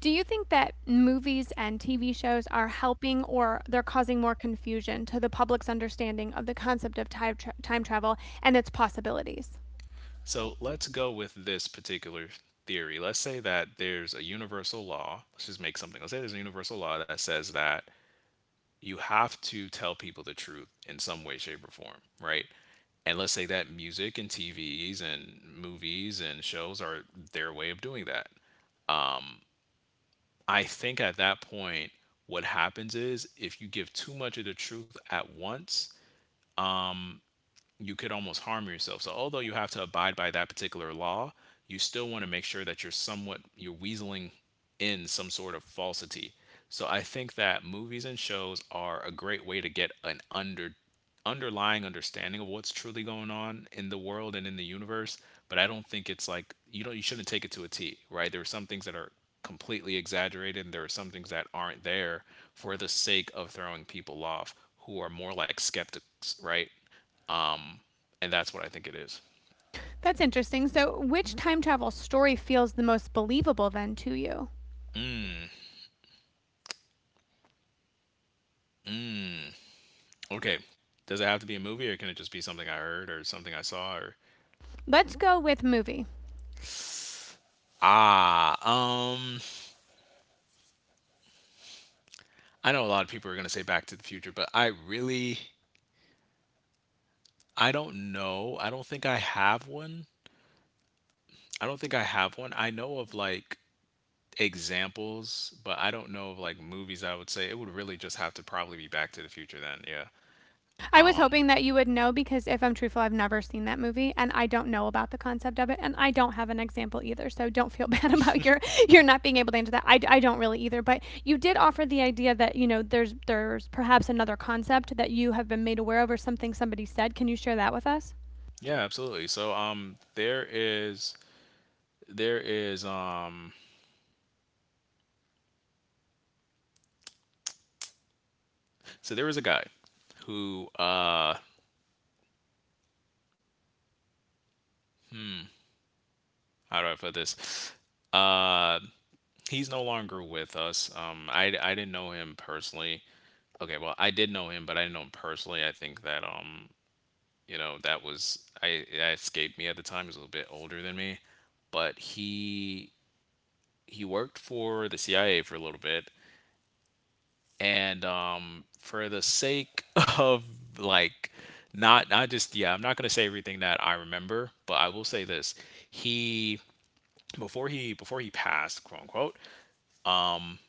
Do you think that movies and T V shows are helping or they're causing more confusion to the public's understanding of the concept of time, tra- time travel and its possibilities?
So let's go with this particular theory. Let's say that there's a universal law. Let's just make something. Let's say there's a universal law that says that you have to tell people the truth in some way, shape, or form, right? And let's say that music and TVs and movies and shows are their way of doing that. I think at that point what happens is if you give too much of the truth at once, you could almost harm yourself. So although you have to abide by that particular law, you still want to make sure that you're somewhat you're weaseling in some sort of falsity. So I think that movies and shows are a great way to get an under underlying understanding of what's truly going on in the world and in the universe, but I don't think it's like you don't you shouldn't take it to a T, right? There are some things that are completely exaggerated and there are some things that aren't there for the sake of throwing people off who are more like skeptics, right? And that's what I think it is.
That's interesting. So, which time travel story feels the most believable then to you?
Mm, mm. Okay. Does it have to be a movie, or can it just be something I heard or something I saw? Or
Let's go with movie.
ah, um, I know a lot of people are gonna say Back to the Future, but I really, I don't know. I don't think I have one. I don't think I have one. I know of like examples, but I don't know of like movies. I would say it would really just have to probably be Back to the Future then. Yeah.
I was
Um.
hoping that you would know because if I'm truthful, I've never seen that movie and I don't know about the concept of it and I don't have an example either. So don't feel bad about your you're not being able to answer that. I, I don't really either, but you did offer the idea that, you know, there's there's perhaps another concept that you have been made aware of or something somebody said. Can you share that with us?
Yeah. Absolutely. So um, there is there is um so there was a guy who, uh, hmm, how do I put this? Uh, he's no longer with us. Um, I, I didn't know him personally. Okay, well, I did know him, but I didn't know him personally. I think that, um, you know, that was, I, that escaped me at the time. He was a little bit older than me, but he, he worked for the C I A for a little bit. and um for the sake of like not not just yeah, I'm not going to say everything that I remember, but I will say this: he before he before he passed, quote unquote, um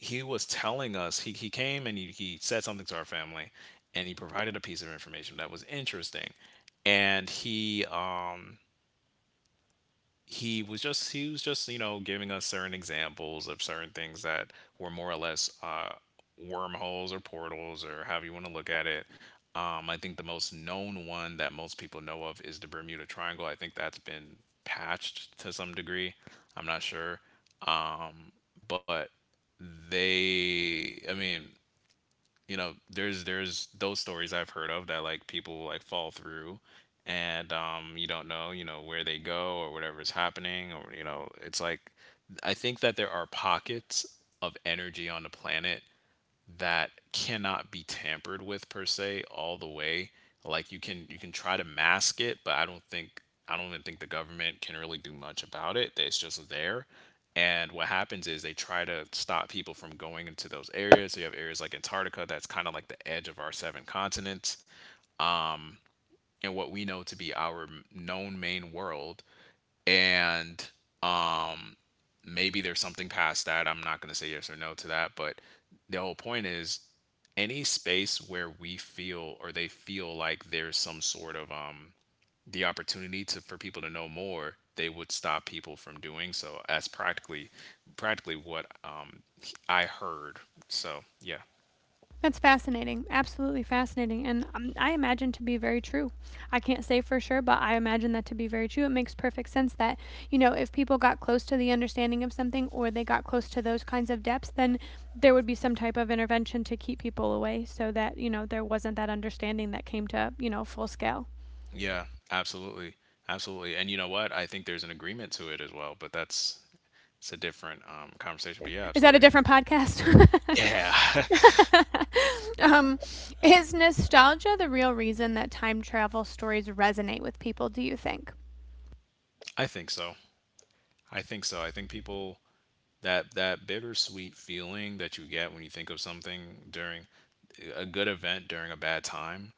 he was telling us he, he came and he, he said something to our family and he provided a piece of information that was interesting. And he um he was just he was just you know, giving us certain examples of certain things that were more or less uh, wormholes or portals, or however you want to look at it. Um, I think the most known one that most people know of is the Bermuda Triangle. I think that's been patched to some degree. I'm not sure, um, but they I mean, you know, there's there's those stories I've heard of that like people like fall through, and um you don't know, you know, where they go or whatever is happening, or you know, it's like I think that there are pockets of energy on the planet that cannot be tampered with per se all the way. Like you can you can try to mask it, but I don't think I don't even think the government can really do much about it. It's just there. And what happens is they try to stop people from going into those areas. So you have areas like Antarctica that's kind of like the edge of our seven continents, um, and what we know to be our known main world. And um maybe there's something past that. I'm not going to say yes or no to that, but the whole point is any space where we feel or they feel like there's some sort of um the opportunity to for people to know more, they would stop people from doing so. That's practically practically what um I heard. So yeah.
That's fascinating. Absolutely fascinating. And um, I imagine to be very true. I can't say for sure, but I imagine that to be very true. It makes perfect sense that, you know, if people got close to the understanding of something or they got close to those kinds of depths, then there would be some type of intervention to keep people away so that, you know, there wasn't that understanding that came to, you know, full scale.
Yeah, absolutely. Absolutely. And you know what, I think there's an agreement to it as well, but that's it's a different um conversation. But yeah,
Is that a
absolutely.
different podcast?
Yeah,
Um, is nostalgia the real reason that time travel stories resonate with people, do you think?
I think so. I think so. I think people that that bittersweet feeling that you get when you think of something during a good event during a bad time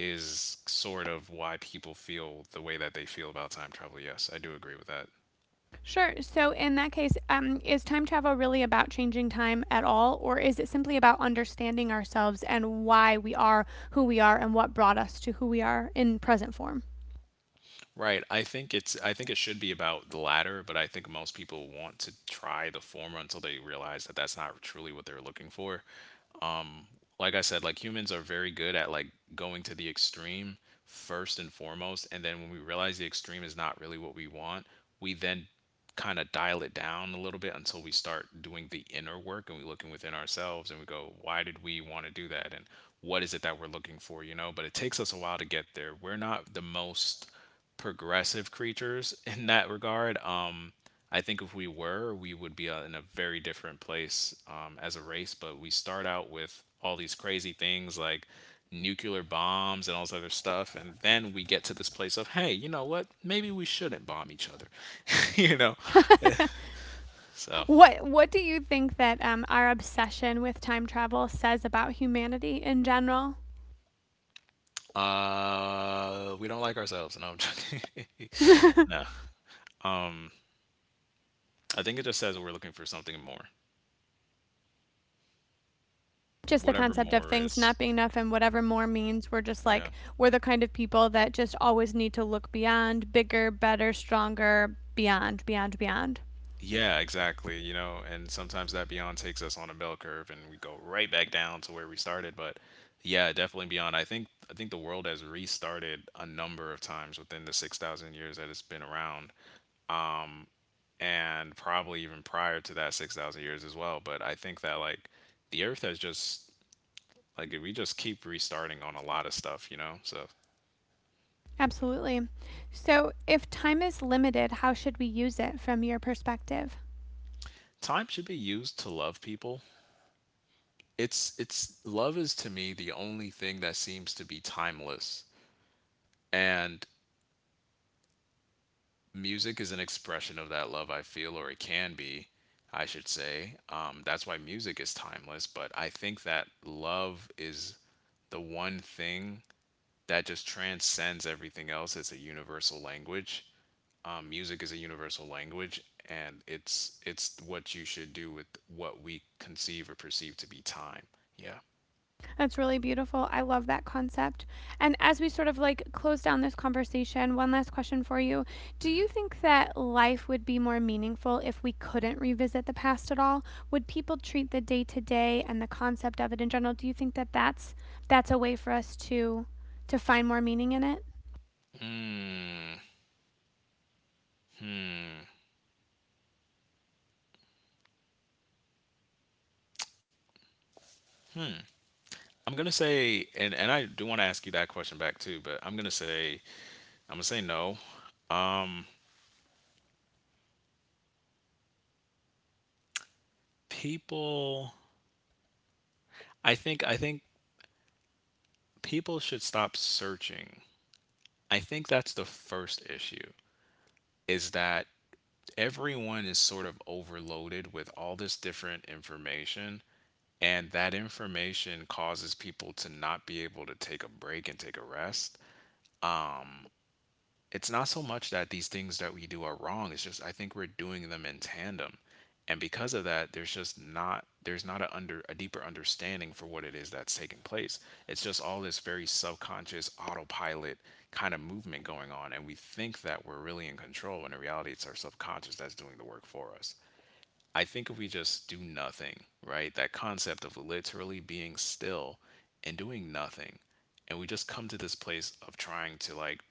is sort of why people feel the way that they feel about time travel. Yes, I do agree with that.
Sure. So in that case, um, is time travel really about changing time at all, or is it simply about understanding ourselves and why we are who we are and what brought us to who we are in present form?
Right. I think it's I think it should be about the latter, but I think most people want to try the former until they realize that that's not truly what they're looking for. um like I said, like humans are very good at like going to the extreme first and foremost, and then when we realize the extreme is not really what we want, we then kind of dial it down a little bit until we start doing the inner work and we looking within ourselves and we go, why did we want to do that, and what is it that we're looking for, you know? But it takes us a while to get there. We're not the most progressive creatures in that regard. Um, I think if we were, we would be uh, in a very different place um, as a race. But we start out with all these crazy things like nuclear bombs and all this other stuff, and then we get to this place of, hey, you know what? Maybe we shouldn't bomb each other, you know? So
What What do you think that um, our obsession with time travel says about humanity in general?
uh, we don't like ourselves. No, I'm joking. No. Um, I think it just says we're looking for something more,
Just the
whatever
concept of
more
things
is.
not being enough and whatever more means, we're just
Yeah.
like, we're the kind of people that just always need to look beyond, bigger, better, stronger, beyond, beyond, beyond.
Yeah, exactly. You know, and sometimes that beyond takes us on a bell curve and we go right back down to where we started. But yeah, definitely beyond. I think I think the world has restarted a number of times within the six thousand years that it's been around. Um, and probably even prior to that six thousand years as well. But I think that like the earth has just like we just keep restarting on a lot of stuff, you know? So
Absolutely. So, if time is limited, how should we use it from your perspective?
time should be used to love people. It's it's love is, to me, the only thing that seems to be timeless, and music is an expression of that love, I feel, or it can be, I should say. Um, that's why music is timeless, but I think that love is the one thing that just transcends everything else. It's a universal language. Um, music is a universal language, and it's it's what you should do with what we conceive or perceive to be time. Yeah.
That's really beautiful. I love that concept. And as we sort of like close down this conversation, one last question for you. Do you
Mm.
think that life would be more meaningful if we couldn't revisit the past at all? Would people treat the day to day and the concept of it in general? Do you think that that's that's a way for us to to find more meaning in it?
Hmm. Hmm. I'm gonna say, and and I do want to ask you that question back too, but I'm gonna say, I'm gonna say no. Um, People, I think, I think people should stop searching. I think that's the first issue, is that everyone is sort of overloaded with all this different information, and that information causes people to not be able to take a break and take a rest. Um, it's not so much that these things that we do are wrong. It's just, I think we're doing them in tandem, and because of that, there's just not there's not a under a deeper understanding for what it is that's taking place. It's just all this very subconscious autopilot kind of movement going on, and we think that we're really in control when in reality it's our subconscious that's doing the work for us. I think if we just do nothing, right? That concept of literally being still and doing nothing, and we just come to this place of trying to like,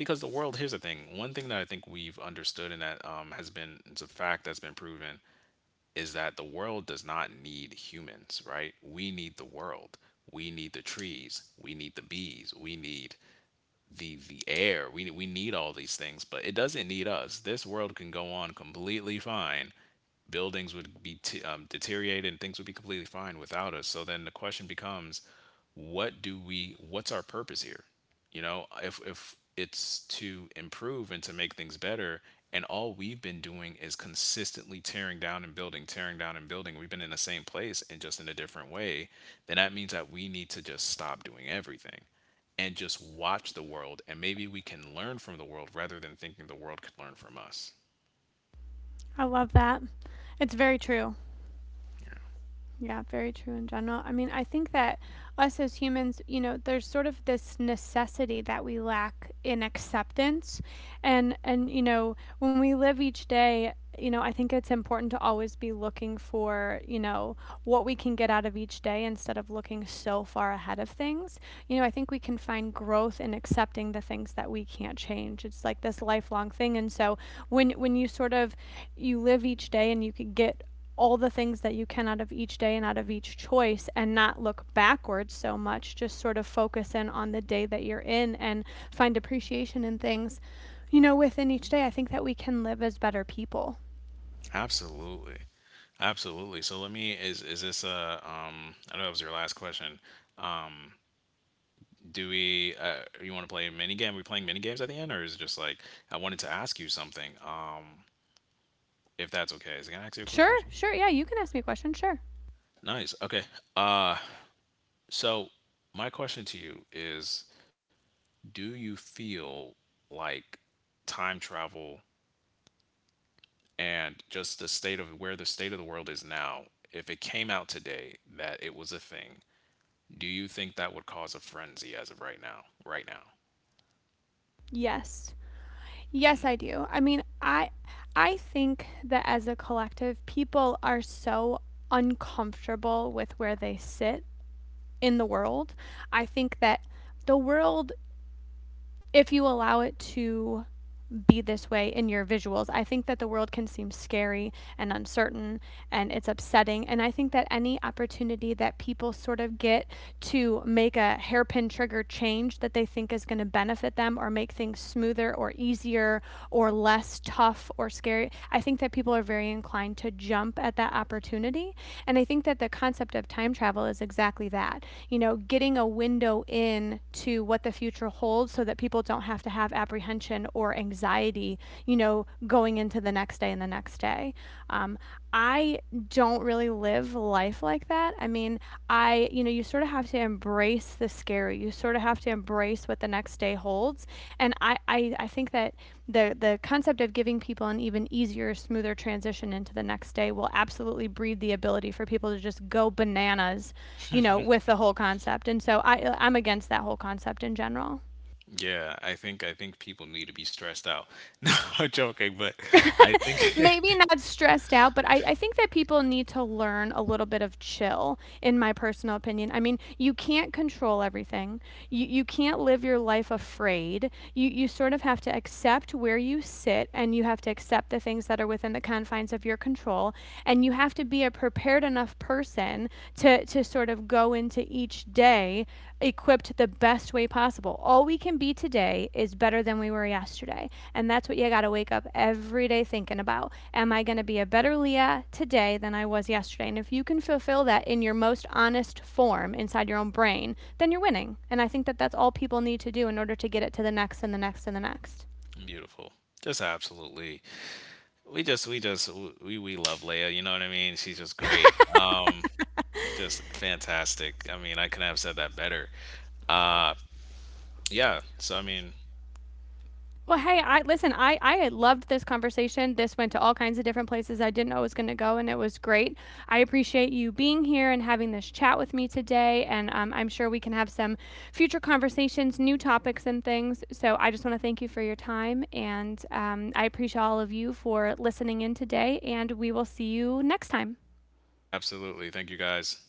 because the world, here's the thing. One thing that I think we've understood, and that um, has been, it's a fact that's been proven, is that the world does not need humans, right? We need the world. We need the trees. We need the bees. We need the the air. We we need all these things, but it doesn't need us. This world can go on completely fine, buildings would be t- um, deteriorated, and things would be completely fine without us. So then the question becomes, what do we? What's our purpose here? You know, if if it's to improve and to make things better, and all we've been doing is consistently tearing down and building, tearing down and building. We've been in the same place and just in a different way. Then that means that we need to just stop doing everything and just watch the world, and maybe we can learn from the world rather than thinking the world could learn from us.
I love that. It's very true.
Yeah.
Yeah, very true in general. I mean, I think that us as humans, you know, there's sort of this necessity that we lack in acceptance. And and you know, when we live each day, you know, I think it's important to always be looking for, you know, what we can get out of each day instead of looking so far ahead of things. You know, I think we can find growth in accepting the things that we can't change. It's like this lifelong thing. And so when when you sort of you live each day and you could get all the things that you can out of each day and out of each choice and not look backwards so much, just sort of focus in on the day that you're in and find appreciation in things you know within each day. I think that we can live as better people.
Absolutely. Absolutely. So let me, is is this a, um I know that was your last question. Um do we, uh you want to play a mini game? Are we playing mini games at the end, or is it just like I wanted to ask you something? Um if that's okay. Is it gonna ask you a quick
Sure,
question?
sure, yeah, you can ask me a question, sure.
Nice. Okay. Uh so my question to you is, do you feel like time travel and just the state of where the state of the world is now, if it came out today that it was a thing, do you think that would cause a frenzy as of right now? Right now.
Yes, yes, I do. I mean, i i think that as a collective, people are so uncomfortable with where they sit in the world. I think that the world, if you allow it to be this way in your visuals, I think that the world can seem scary and uncertain and it's upsetting. And I think that any opportunity that people sort of get to make a hairpin trigger change that they think is going to benefit them or make things smoother or easier or less tough or scary, I think that people are very inclined to jump at that opportunity. And I think that the concept of time travel is exactly that. You know, getting a window in to what the future holds so that people don't have to have apprehension or anxiety, you know, going into the next day and the next day. Um, I don't really live life like that. I mean, I, you know, you sort of have to embrace the scary. You sort of have to embrace what the next day holds. And I, I, I think that the the concept of giving people an even easier, smoother transition into the next day will absolutely breed the ability for people to just go bananas, you know, with the whole concept. And so I I'm against that whole concept in general.
Yeah, I think I think people need to be stressed out. No, I'm joking, but I think
Maybe not stressed out, but I, I think that people need to learn a little bit of chill, in my personal opinion. I mean, you can't control everything. You you can't live your life afraid. You you sort of have to accept where you sit and you have to accept the things that are within the confines of your control. And you have to be a prepared enough person to to sort of go go into each day equipped the best way possible. All we can be today is better than we were yesterday. And that's what you got to wake up every day thinking about. Am I going to be a better Leah today than I was yesterday? And if you can fulfill that in your most honest form inside your own brain, then you're winning. And I think that that's all people need to do in order to get it to the next and the next and the next.
beautiful. Just absolutely. We just we just we we love Leia, you know what I mean? She's just great. Um just fantastic. I mean, I couldn't have said that better. Uh yeah, so I mean,
Well, hey, I listen. I I loved this conversation. This went to all kinds of different places I didn't know it was going to go, and it was great. I appreciate you being here and having this chat with me today. And um, I'm sure we can have some future conversations, new topics, and things. So I just want to thank you for your time, and um, I appreciate all of you for listening in today. And we will see you next time.
absolutely. Thank you guys.